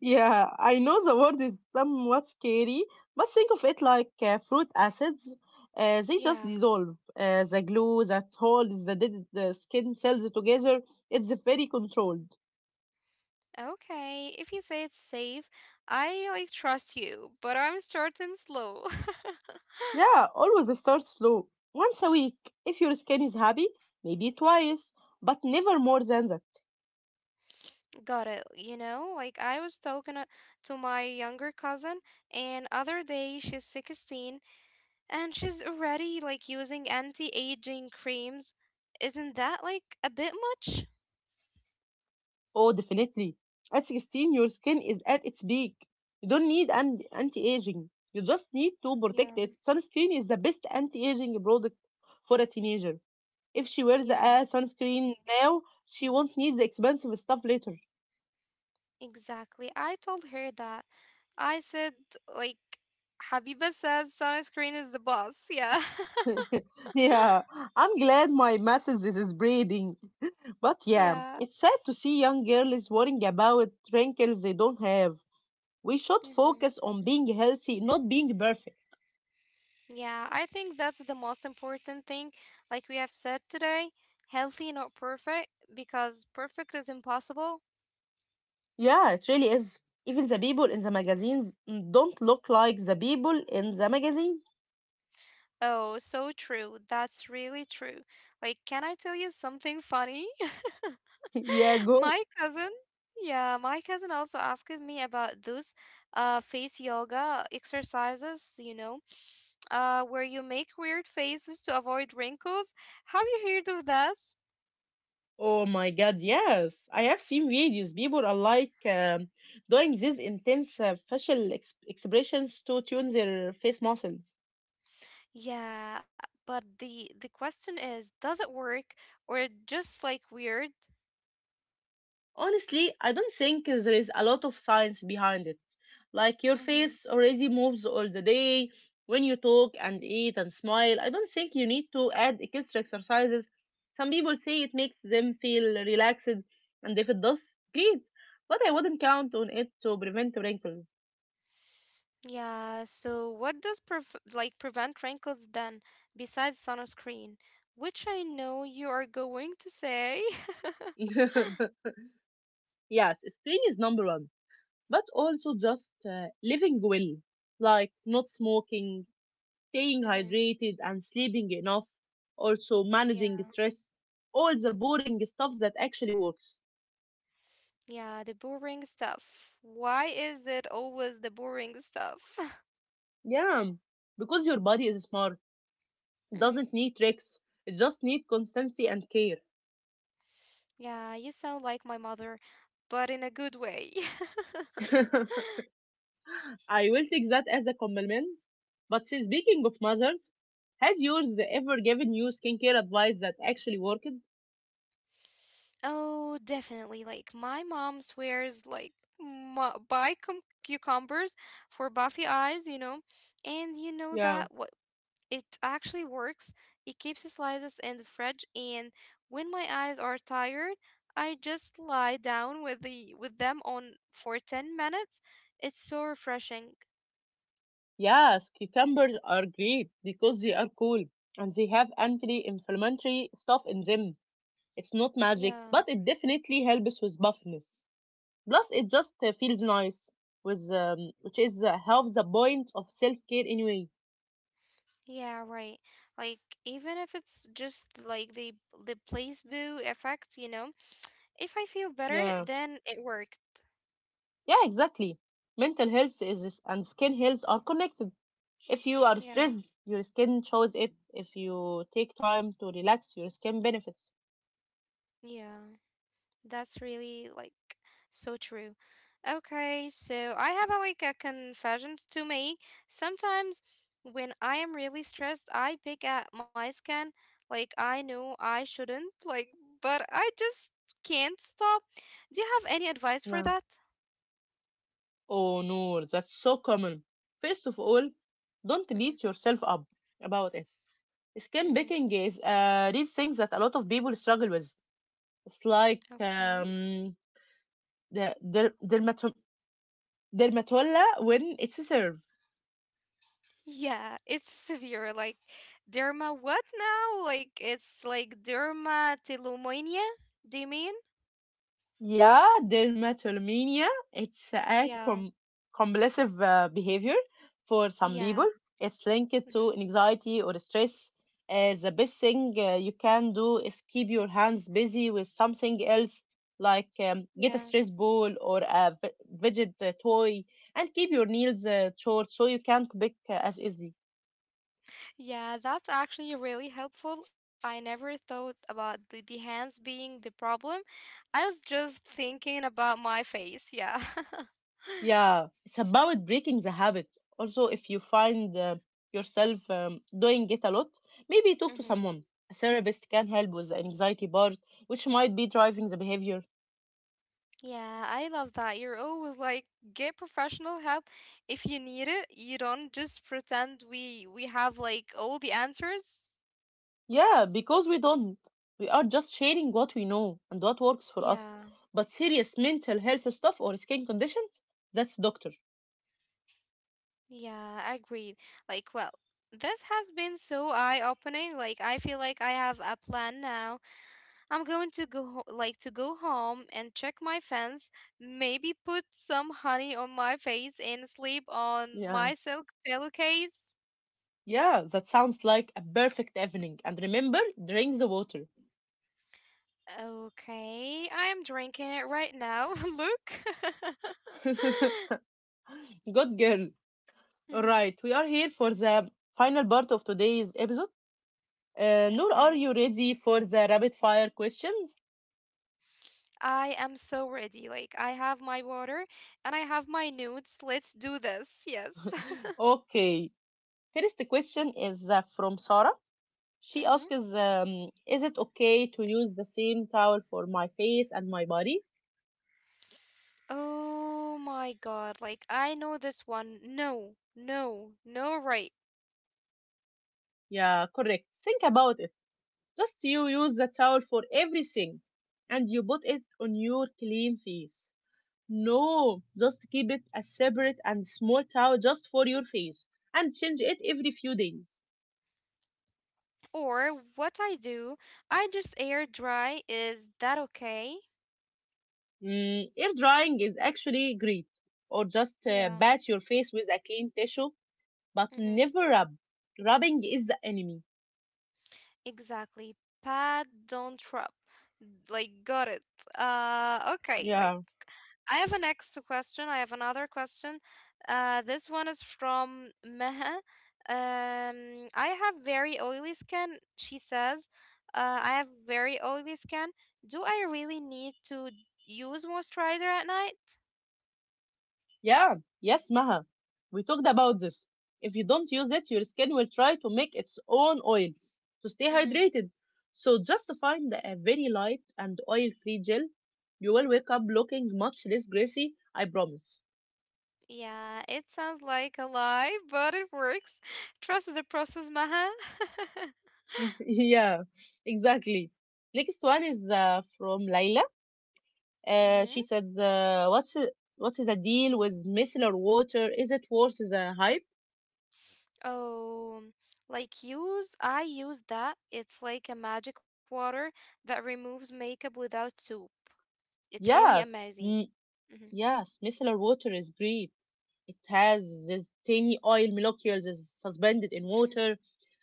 A: Yeah, I know the word is somewhat scary, but think of it like fruit acids. They just
B: Yeah.
A: dissolve. The glue that holds the dead the skin cells together, it's very controlled.
B: Okay, if you say it's safe, I like trust you, but I'm starting slow.
A: Yeah, always start slow. Once a week, if your skin is happy, maybe twice, but never more than that.
B: Got it. You know, like I was talking to my younger cousin, and other day she's 16 and she's already like using anti-aging creams. Isn't that like a bit much?
A: Oh, definitely. At 16, your skin is at its peak. You don't need anti-aging. You just need to protect
B: Yeah.
A: it. Sunscreen is the best anti-aging product for a teenager. If she wears
B: Yeah,
A: a sunscreen now, she won't need the expensive stuff later.
B: exactly. I told her that. I said like Habiba says sunscreen is the boss. Yeah.
A: Yeah, I'm glad my message is spreading. But yeah,
B: Yeah.
A: it's sad to see young girls worrying about wrinkles they don't have. We should
B: Mm-hmm.
A: focus on being healthy, not being perfect.
B: Yeah, I think that's the most important thing. Like we have said today, healthy, not perfect, because perfect is impossible.
A: Yeah, it really is. Even the people in the magazines don't look like the people in the magazine.
B: Oh, so true. That's really true. Like, can I tell you something funny?
A: Yeah, go.
B: My cousin, yeah, my cousin also asked me about those face yoga exercises, you know, where you make weird faces to avoid wrinkles. Have you heard of that?
A: Oh my God, yes. I have seen videos. People are like doing these intense facial ex expressions to tune their face muscles.
B: Yeah, but the question is, does it work or it just like weird?
A: Honestly, I don't think there is a lot of science behind it. Like your
B: Mm-hmm.
A: face already moves all the day when you talk and eat and smile. I don't think you need to add extra exercises. Some people say it makes them feel relaxed, and if it does, great. But I wouldn't count on it to prevent wrinkles.
B: Yeah, so what does prevent wrinkles then besides sunscreen, which I know you are going to say.
A: Yes, skin is number one, but also just living well, like not smoking, staying
B: Mm-hmm.
A: hydrated and sleeping enough, also
B: Yeah.
A: managing stress, all the boring stuff that actually works.
B: Yeah, the boring stuff. Why is it always the boring stuff?
A: Yeah, because your body is smart, it
B: Mhm.
A: doesn't need tricks, it just needs constancy and care.
B: Yeah, you sound like my mother, but in a good way.
A: I will take that as a compliment. But since speaking of mothers, has yours ever given you skincare advice that actually worked?
B: Oh, definitely. Like my mom swears like buy cum cucumbers for Buffy eyes, you know, and you know
A: Yeah.
B: that what it actually works. It keeps the slices in the fridge, and when my eyes are tired, I just lie down with them on for 10 minutes. It's so refreshing.
A: Yes, cucumbers are great because they are cool and they have anti-inflammatory stuff in them. It's not magic,
B: Yeah.
A: but it definitely helps with buffness. Plus, it just feels nice, with which is half the point of self care anyway.
B: Yeah, right. Like even if it's just like the placebo effect, you know, if I feel better,
A: Yeah,
B: then it worked.
A: yeah, exactly. Mental health is and skin health are connected. If you are
B: Yeah,
A: stressed, your skin shows it. If you take time to relax, your skin benefits.
B: yeah, that's really like so true. Okay, so I have a, like a confession to make. Sometimes when I am really stressed, I pick at my skin. Like I know I shouldn't, like, but I just can't stop. Do you have any advice
A: Yeah.
B: for that?
A: Oh no, that's so common. First of all, don't beat
B: Mm-hmm.
A: yourself up about it. Skin
B: Mm-hmm.
A: baking is a real thing that a lot of people struggle with. It's
B: Okay.
A: the dermatola when it's served.
B: Yeah, it's severe. Like derma what now? Like it's like dermatillomania, do you mean?
A: Yeah, dermatillomania. It's a
B: Yeah.
A: compulsive behavior for some
B: Yeah.
A: people. It's linked
B: Mhm.
A: to anxiety or stress. The best thing you can do is keep your hands busy with something else, like get a
B: Yeah,
A: stress ball or a fidget toy, and keep your nails short so you can't pick as easily.
B: yeah, that's actually really helpful. I never thought about the hands being the problem. I was just thinking about my face. Yeah.
A: Yeah, it's about breaking the habit. Also, if you find yourself doing it a lot, maybe talk to
B: hmm.
A: someone. A therapist can help with the anxiety part, which might be driving the behavior.
B: Yeah, I love that. You're always like, get professional help if you need it. You don't just pretend we have like all the answers.
A: Yeah, because we don't. We are just sharing what we know and what works for us.
B: Yeah,
A: But serious mental health stuff or skin conditions, that's doctor.
B: yeah, I agree. Like, well, this has been so eye-opening. Like, I feel like I have a plan now. I'm going to go ho- like to go home and check my fence, maybe put some honey on my face and sleep on
A: Yeah.
B: my silk pillowcase.
A: Yeah, that sounds like a perfect evening. And remember, drink the water.
B: Okay, I'm drinking it right now. Look.
A: Good girl.
B: Mhm,
A: Right, we are here for the final part of today's episode. Noor, are
B: okay.
A: you ready for the rapid fire questions?
B: I am so ready. Like I have my water and I have my nudes. Let's do this. Yes.
A: Okay, first question is from Sarah. She
B: Mm-hmm.
A: asks, is it okay to use the same towel for my face and my body?
B: Oh my god. Like I know this one. No. No. No right.
A: Yeah, correct. Think about it. Just you use the towel for everything and you put it on your clean face. No, just keep it as separate and small towel just for your face and change it every few days.
B: Or what I do, I just air dry. Is that okay?
A: Mm, air drying is actually great. Or just
B: Yeah.
A: bat your face with a clean tissue, but
B: Hmm.
A: never rub. Rubbing is the enemy.
B: Exactly. Pat, don't rub. Like, got it. Okay. Like,
A: Yeah,
B: I have an extra question. I have another question. This one is from Meha. I have very oily skin. She says, I have very oily skin. Do I really need to use moisturizer at night?
A: yeah, yes, Maha. We talked about this. If you don't use it, your skin will try to make its own oil to stay hydrated. So just find a very light and oil-free gel. You will wake up looking much less greasy, I promise.
B: Yeah, it sounds like a lie, but it works. Trust the process, Maha.
A: yeah, exactly. Next one is from Layla. Uh,
B: Mm-hmm.
A: she said, what's the deal with micellar water? Is it worth the hype?"
B: Oh, like I use that. It's like a magic water that removes makeup without soap. It's really
A: Yes,
B: amazing.
A: mm,
B: Mm-hmm.
A: yes, micellar water is great. It has the tiny oil molecules is suspended in
B: Hmm.
A: water.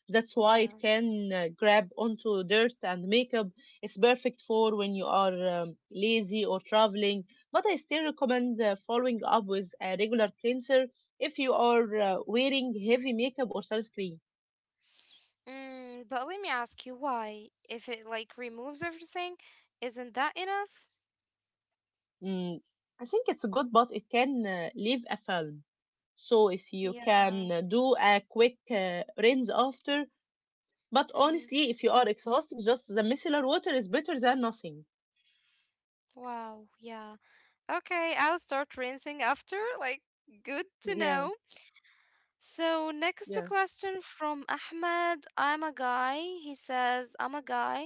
A: That's why
B: Yeah.
A: it can grab onto dirt and makeup. It's perfect for when you are lazy or traveling. But I still recommend following up with a regular cleanser if you are wearing heavy makeup or sunscreen.
B: Mm, but let me ask you why. If it like removes everything, isn't that enough?
A: Mm, I think it's good, but it can leave a film. So if you
B: Yeah.
A: can do a quick rinse after, but
B: Mm-hmm.
A: honestly, if you are exhausted, just the micellar water is better than nothing.
B: Wow. Yeah. Okay, I'll start rinsing after. Like, good to
A: Yeah,
B: know. So, next
A: yeah.
B: question from Ahmed. I'm a guy. He says, I'm a guy.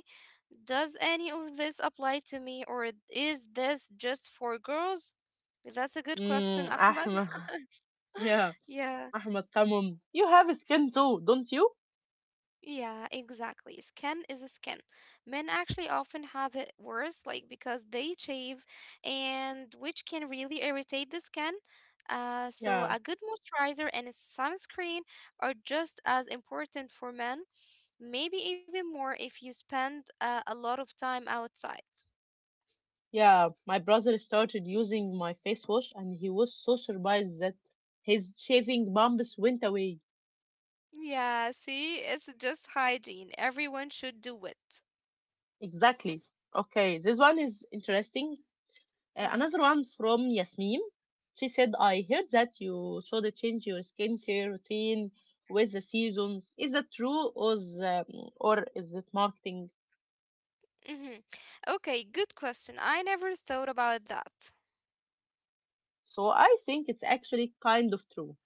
B: Does any of this apply to me or is this just for girls? That's a good question,
A: Mm,
B: Ahmed.
A: Ahmed. Yeah,
B: Yeah.
A: Ahmed, come on. You have skin too, don't you?
B: Yeah, exactly. Skin is a skin. Men actually often have it worse, like because they shave and which can really irritate the skin. So
A: Yeah,
B: a good moisturizer and a sunscreen are just as important for men, maybe even more if you spend a lot of time outside.
A: yeah. My brother started using my face wash and he was so surprised that his shaving bumps went away.
B: Yeah, see, it's just hygiene. Everyone should do it.
A: Exactly. Okay, this one is interesting. Uh,
B: Mm-hmm.
A: another one from Yasmin. She said, I heard that you should change your skincare routine with the seasons. Is that true or is it marketing?
B: Mm-hmm. Okay, good question. I never thought about that.
A: So I think it's actually kind of true.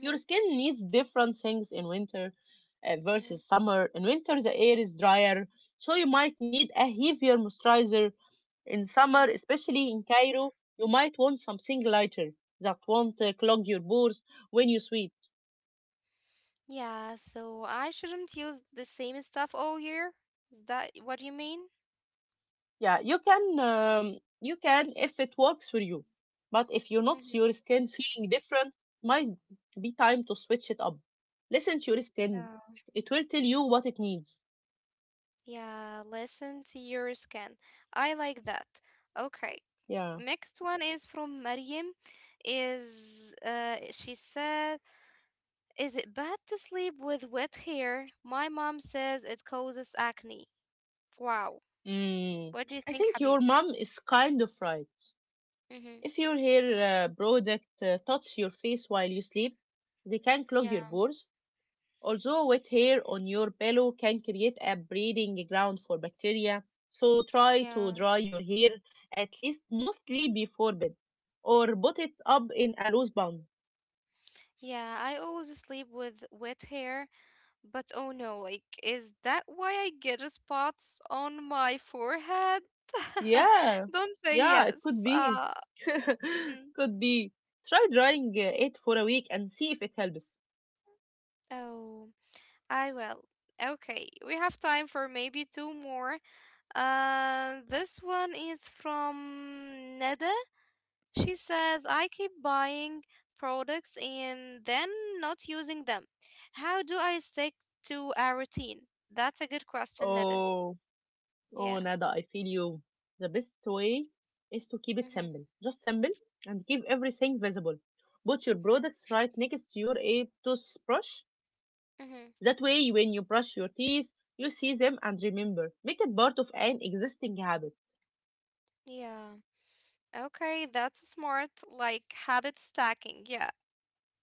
A: Your skin needs different things in winter
B: Mm-hmm.
A: versus summer. In winter, the air is drier, so you might need a heavier moisturizer. In summer,
B: Mm-hmm.
A: especially in Cairo, you might want something lighter that won't clog your pores when you sweat.
B: Yeah, so I shouldn't use the same stuff all year? Is that what you mean?
A: Yeah, you can if it works for you. But if you notice
B: Mm-hmm.
A: your skin feeling different, might be time to switch it up. Listen to your skin.
B: Yeah.
A: It will tell you what it needs.
B: Yeah, listen to your skin. I like that. Okay.
A: Yeah.
B: Next one is from Mariam. Is she said, is it bad to sleep with wet hair? My mom says it causes acne. Wow.
A: Mm.
B: What do you
A: I
B: think,
A: think
B: Habib?
A: your mom is kind of right.
B: Mm-hmm.
A: If your hair product touch your face while you sleep, they can clog
B: Yeah,
A: your pores. Although wet hair on your pillow can create a breeding ground for bacteria, so try
B: yeah,
A: to dry your hair at least mostly before bed or put it up in a loose bun.
B: yeah. I always sleep with wet hair, but oh no, like, is that why I get spots on my forehead?
A: Yeah,
B: Don't say
A: yeah, it could
B: yes.
A: be.
B: Mhm.
A: could be. Try drying it for a week and see if it helps.
B: Oh, I will. Okay, we have time for maybe two more. This one is from Neda. She says, I keep buying products and then not using them. How do I stick to a routine? That's a good question, Neda.
A: Oh.
B: Yeah.
A: Oh, Nada, I feel you. The best way is to keep it
B: Mm-hmm.
A: simple. Just simple and keep everything visible. Put your products right next to your a toothbrush.
B: Mm-hmm.
A: That way, when you brush your teeth, you see them and remember. Make it part of an existing habit.
B: Yeah. Okay, that's smart. Like habit stacking. Yeah.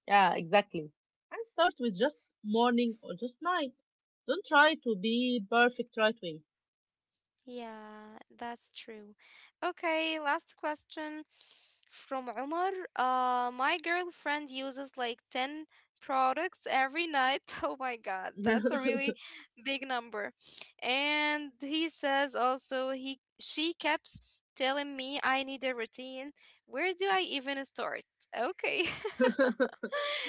A: Yeah, exactly. And start with just morning or just night. Don't try to be perfect right
B: Yeah, that's true. Okay, last question. From Umar, my girlfriend uses like 10 products every night. Oh my God, that's a
A: away.
B: really big number. And he says also he she keeps telling me I need a routine. Where do I even start? Okay.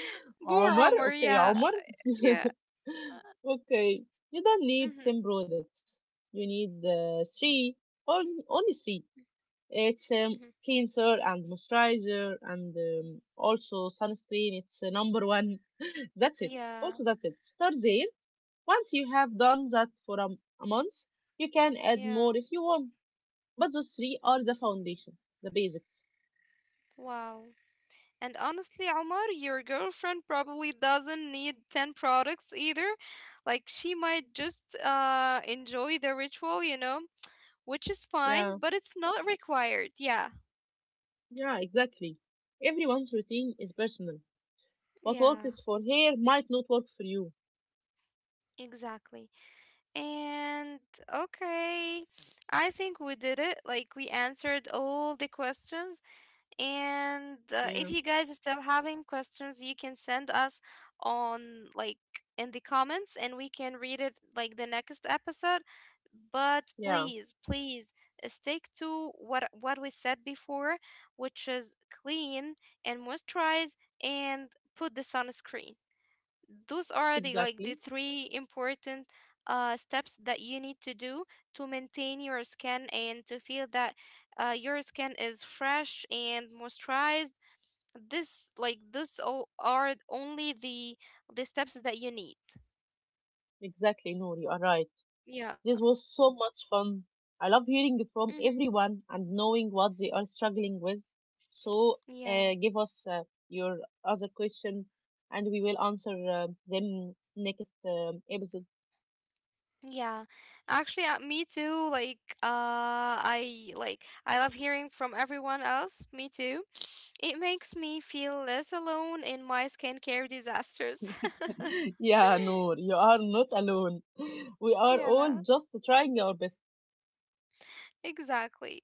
B: Poor
A: Armor?
B: Umar,
A: Okay,
B: yeah.
A: armor?
B: Yeah.
A: okay, you don't need
B: Mm-hmm.
A: 10 products. You need three, on, only three. It's
B: Mm-hmm.
A: cleanser and moisturizer and also sunscreen. It's number one. that's it.
B: Yeah.
A: Also, that's it. Start there. Once you have done that for a month, you can add
B: Yeah.
A: more if you want. But those three are the foundation, the basics.
B: Wow. And honestly, Omar, your girlfriend probably doesn't need 10 products either. Like, she might just enjoy the ritual, you know, which is fine,
A: Yeah,
B: but it's not required. Yeah.
A: yeah, exactly. Everyone's routine is personal. What
B: Yeah,
A: works for her might not work for you.
B: exactly. And okay, I think we did it. Like, we answered all the questions. And if
A: Yeah,
B: you guys are still having questions, you can send us on, like, in the comments, and we can read it like the next episode. But
A: yeah,
B: please, please, stick to what we said before, which is clean and moisturize and put the sunscreen. Those are, the like, the
A: exactly.
B: three important steps that you need to do to maintain your skin and to feel that your skin is fresh and moisturized. This, like, this all are only the steps that you need.
A: Exactly, Noor, you are right.
B: Yeah.
A: This was so much fun. I love hearing from
B: Mm-hmm.
A: everyone and knowing what they are struggling with. So,
B: Yeah.
A: give us your other question and we will answer them next episode.
B: Yeah, actually me too, like, I, like, I love hearing from everyone else, me too. It makes me feel less alone in my skincare disasters.
A: yeah, Noor, you are not alone. We are all
B: Yeah,
A: just trying our best.
B: exactly.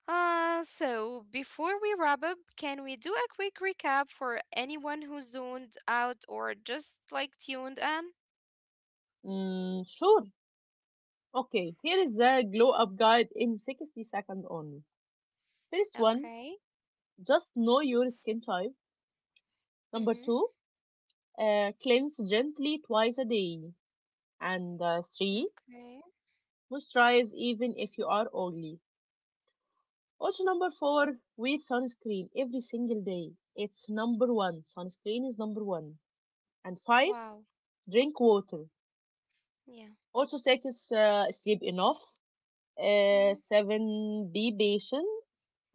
B: So before we wrap up, can we do a quick recap for anyone who zoned out or just, like, tuned in?
A: Mm, sure. Okay, here is the glow up guide in 60 seconds only. First one,
B: Okay.
A: just know your skin type. Number
B: Mm-hmm.
A: two, cleanse gently twice a day. And three,
B: Okay.
A: moisturize even if you are oily. Also, number four, wear sunscreen every single day. It's number one. Sunscreen is number one. And five,
B: Wow.
A: drink water.
B: Yeah.
A: Also, six, sleep enough.
B: Mm-hmm.
A: Seven, be patient.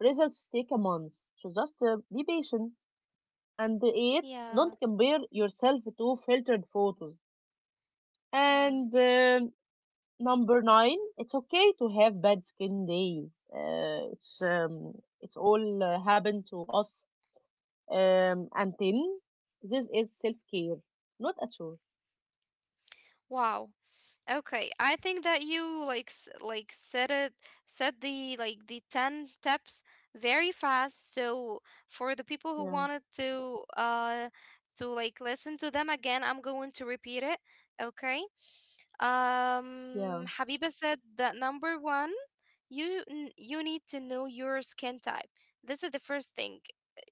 A: Results take a month. So just be patient. And eight,
B: Yeah.
A: don't compare yourself to filtered photos.
B: Yeah.
A: And number nine, it's okay to have bad skin days. It's all happened to us. And ten, this is self care, not a chore.
B: Wow. Okay, I think that you like like said it said, the like, the 10 steps very fast. So for the people who
A: Yeah,
B: wanted to to, like, listen to them again, I'm going to repeat it. Okay.
A: yeah,
B: Um, Habiba said that number 1, you you need to know your skin type. This is the first thing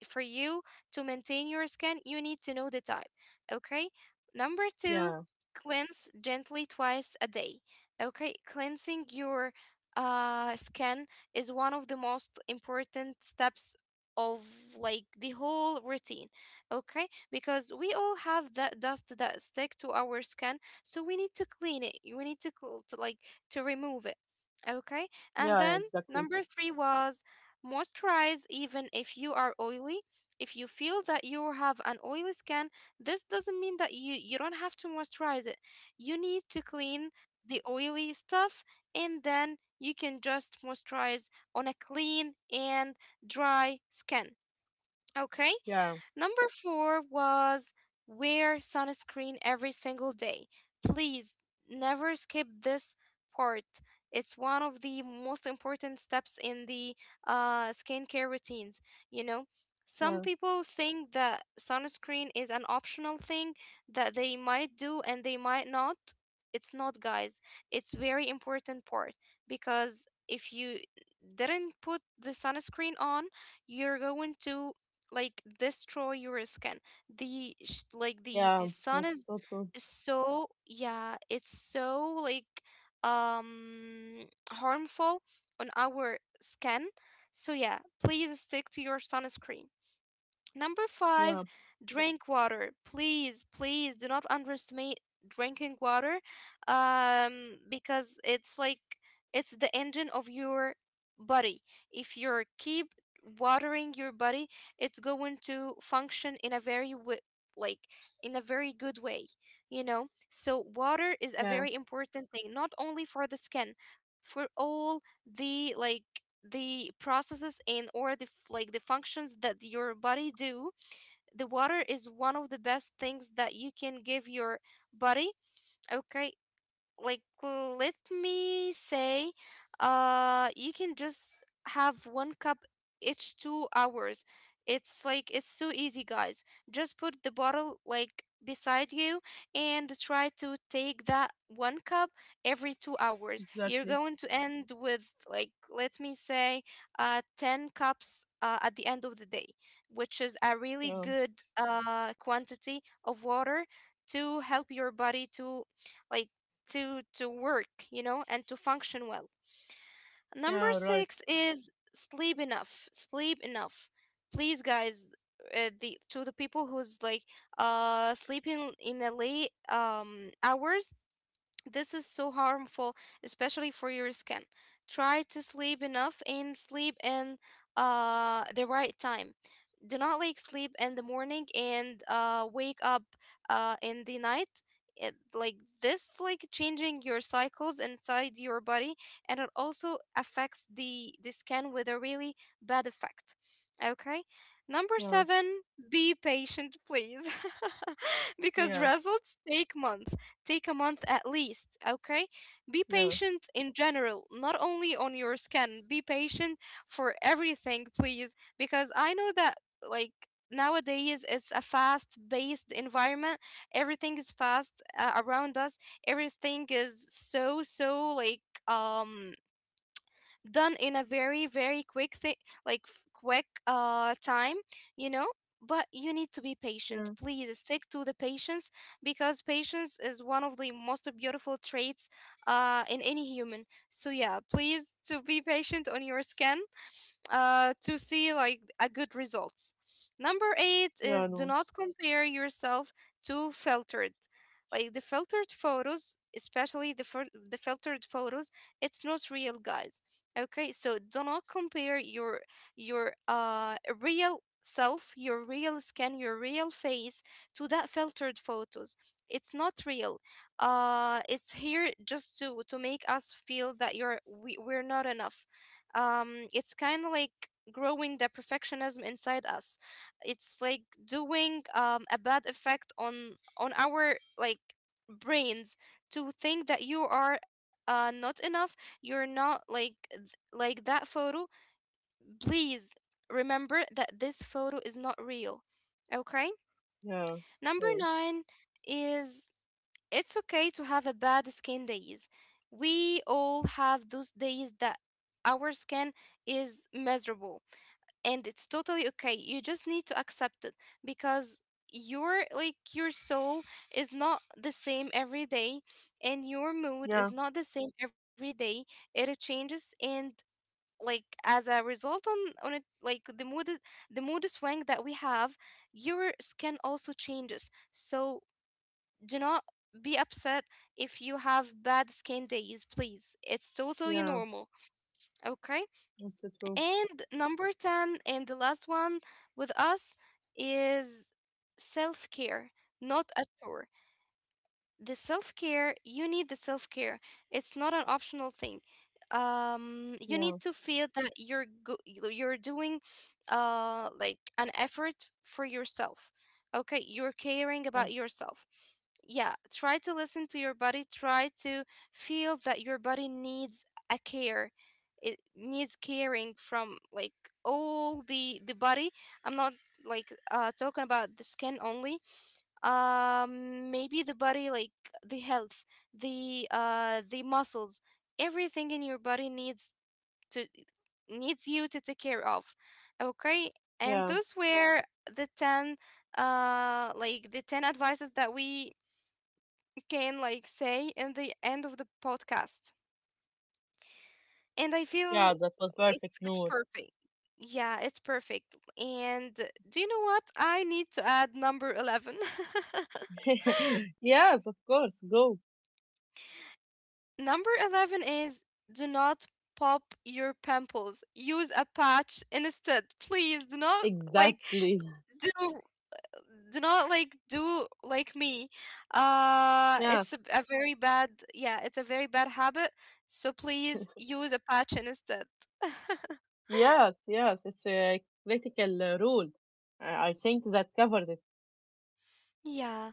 B: for you to maintain your skin, you need to know the type. Okay. Number two,
A: yeah,
B: cleanse gently twice a day. Okay. Cleansing your skin is one of the most important steps of, like, the whole routine. Okay, because we all have that dust that stick to our skin, so we need to clean it, we need to, to, like, to remove it. Okay, and then
A: yeah, exactly.
B: number three was moisturize even if you are oily. If you feel that you have an oily skin, this doesn't mean that you don't have to moisturize it. You need to clean the oily stuff, and then you can just moisturize on a clean and dry skin. Okay?
A: Yeah,
B: Number four was wear sunscreen every single day. Please never skip this part. It's one of the most important steps in the skincare routines, you know. Some
A: yeah,
B: people think that sunscreen is an optional thing that they might do and they might not. It's not, guys. It's very important part, because if you didn't put the sunscreen on, you're going to, like, destroy your skin. The like the
A: yeah.
B: sun
A: That's so true.
B: is so, yeah, it's so like, um harmful on our skin. So yeah, please stick to your sunscreen. Number five,
A: Yeah,
B: drink water. Please, please do not underestimate drinking water, because it's like it's the engine of your body. If you keep watering your body, it's going to function in a very like in a very good way, you know. So water is a
A: yeah,
B: very important thing, not only for the skin, for all the, like, the processes and or the like the functions that your body do. The water is one of the best things that you can give your body. Okay, like let me say, you can just have 1 cup each 2 hours. It's like, it's so easy, guys. Just put the bottle like beside you and try to take that 1 cup every 2 hours, you're
A: exactly.
B: going to end with, like, let me say 10 cups at the end of the day, which is a really
A: Yeah,
B: good quantity of water to help your body to, like, to work, you know, and to function well. Number
A: yeah, right.
B: six is sleep enough. Sleep enough. Please, guys, the to the people who's like sleeping in the late hours, this is so harmful, especially for your skin. Try to sleep enough and sleep in the right time. Do not, like, sleep in the morning and wake up in the night. It, like this, like, changing your cycles inside your body, and it also affects the skin with a really bad effect. Okay, number
A: Yeah,
B: seven, be patient, please, because
A: yeah,
B: results take months. Take a month at least, okay? Be
A: yeah,
B: patient in general, not only on your skin. Be patient for everything, please, because I know that, like, nowadays it's a fast based environment. Everything is fast around us. Everything is so so like, done in a very quick thing, like quick time, you know. But you need to be patient,
A: yeah,
B: please stick to the patience, because patience is one of the most beautiful traits in any human. So yeah, please to be patient on your skin to see, like, a good results. Number eight
A: yeah.
B: is do
A: No,
B: not compare yourself to filtered. Like the filtered photos, especially the the filtered photos, it's not real, guys. Okay, so do not compare your real self, your real skin, your real face to that filtered photos. It's not real. It's here just to make us feel that you're we're not enough, it's kind of like growing the perfectionism inside us. It's like doing, a bad effect on our, like, brains, to think that you are not enough, you're not like like that photo. Please remember that this photo is not real. Okay.
A: yeah.
B: Number
A: Okay.
B: nine is it's okay to have a bad skin days. We all have those days that our skin is miserable, and it's totally okay, you just need to accept it, because your, like, your soul is not the same every day, and your mood
A: Yeah.
B: is not the same every day. It changes, and like as a result on it, like, the the mood swing that we have, your skin also changes. So do not be upset if you have bad skin days, please, it's totally
A: Yeah,
B: normal. Okay,
A: that's so true.
B: and number 10 and the last one with us is self care, not a chore. The self care, you need the self care. It's not an optional thing. You need
A: Yeah,
B: to feel that you're you're doing like an effort for yourself. Okay, you're caring
A: uh,
B: about yourself. Yeah, try to listen to your body, try to feel that your body needs a care. It needs caring from, like, all the body. I'm not, like, talking about the skin only. Um, maybe the body, like, the health, the muscles, everything in your body needs to needs you to take care of. Okay, and
A: yeah,
B: those were the 10 like the 10 advices that we can, like, say in the end of the podcast. And I feel
A: yeah, that was perfect,
B: it's
A: Noor.
B: perfect. Yeah, it's perfect. And do you know what? I need to add number 11.
A: Yes, of course, go.
B: Number 11 is do not pop your pimples. Use a patch instead. Please do not, like,
A: Exactly.
B: do do not, like, do like me. Uh, it's
A: Yes,
B: a very bad, yeah, it's a very bad habit. So please use a patch instead.
A: yes, it's a critical rule. I think that covers it.
B: Yeah.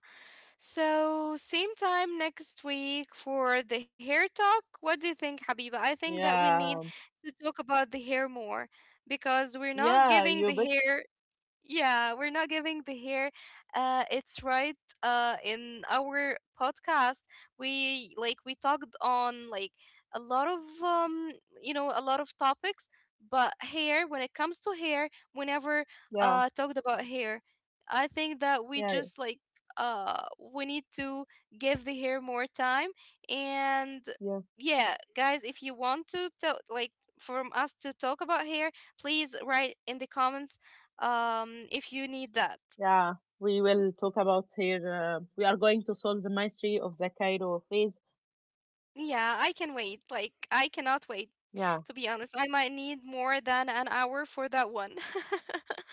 B: So, same time next week for the hair talk. What do you think, Habiba? I think that we need
A: Yeah,
B: to talk about the hair more, because we're not
A: yeah,
B: giving the
A: you bet.
B: hair, yeah, we're not giving the hair it's right in our podcast. We like we talked on, like, a lot of you know a lot of topics, but hair, when it comes to hair, we never
A: Yeah,
B: talked about hair. I think that we
A: yeah,
B: just like we need to give the hair more time. And
A: yeah,
B: yeah, guys, if you want to tell, like, from us to talk about hair, please write in the comments, if you need that.
A: yeah. We will talk about here. We are going to solve the mystery of the Cairo phase.
B: Yeah, I can wait, like, I cannot wait
A: Yeah.
B: to be honest. I might need more than an hour for that one.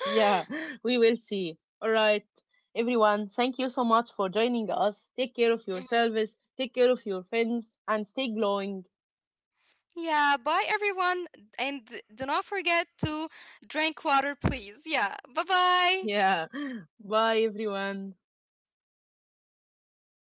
A: Yeah, we will see. All right, everyone, thank you so much for joining us. Take care of
B: Mhm.
A: yourselves, take care of your friends, and stay glowing.
B: Yeah, bye everyone, and do not forget to drink water please. Yeah, bye bye.
A: Yeah, bye, everyone.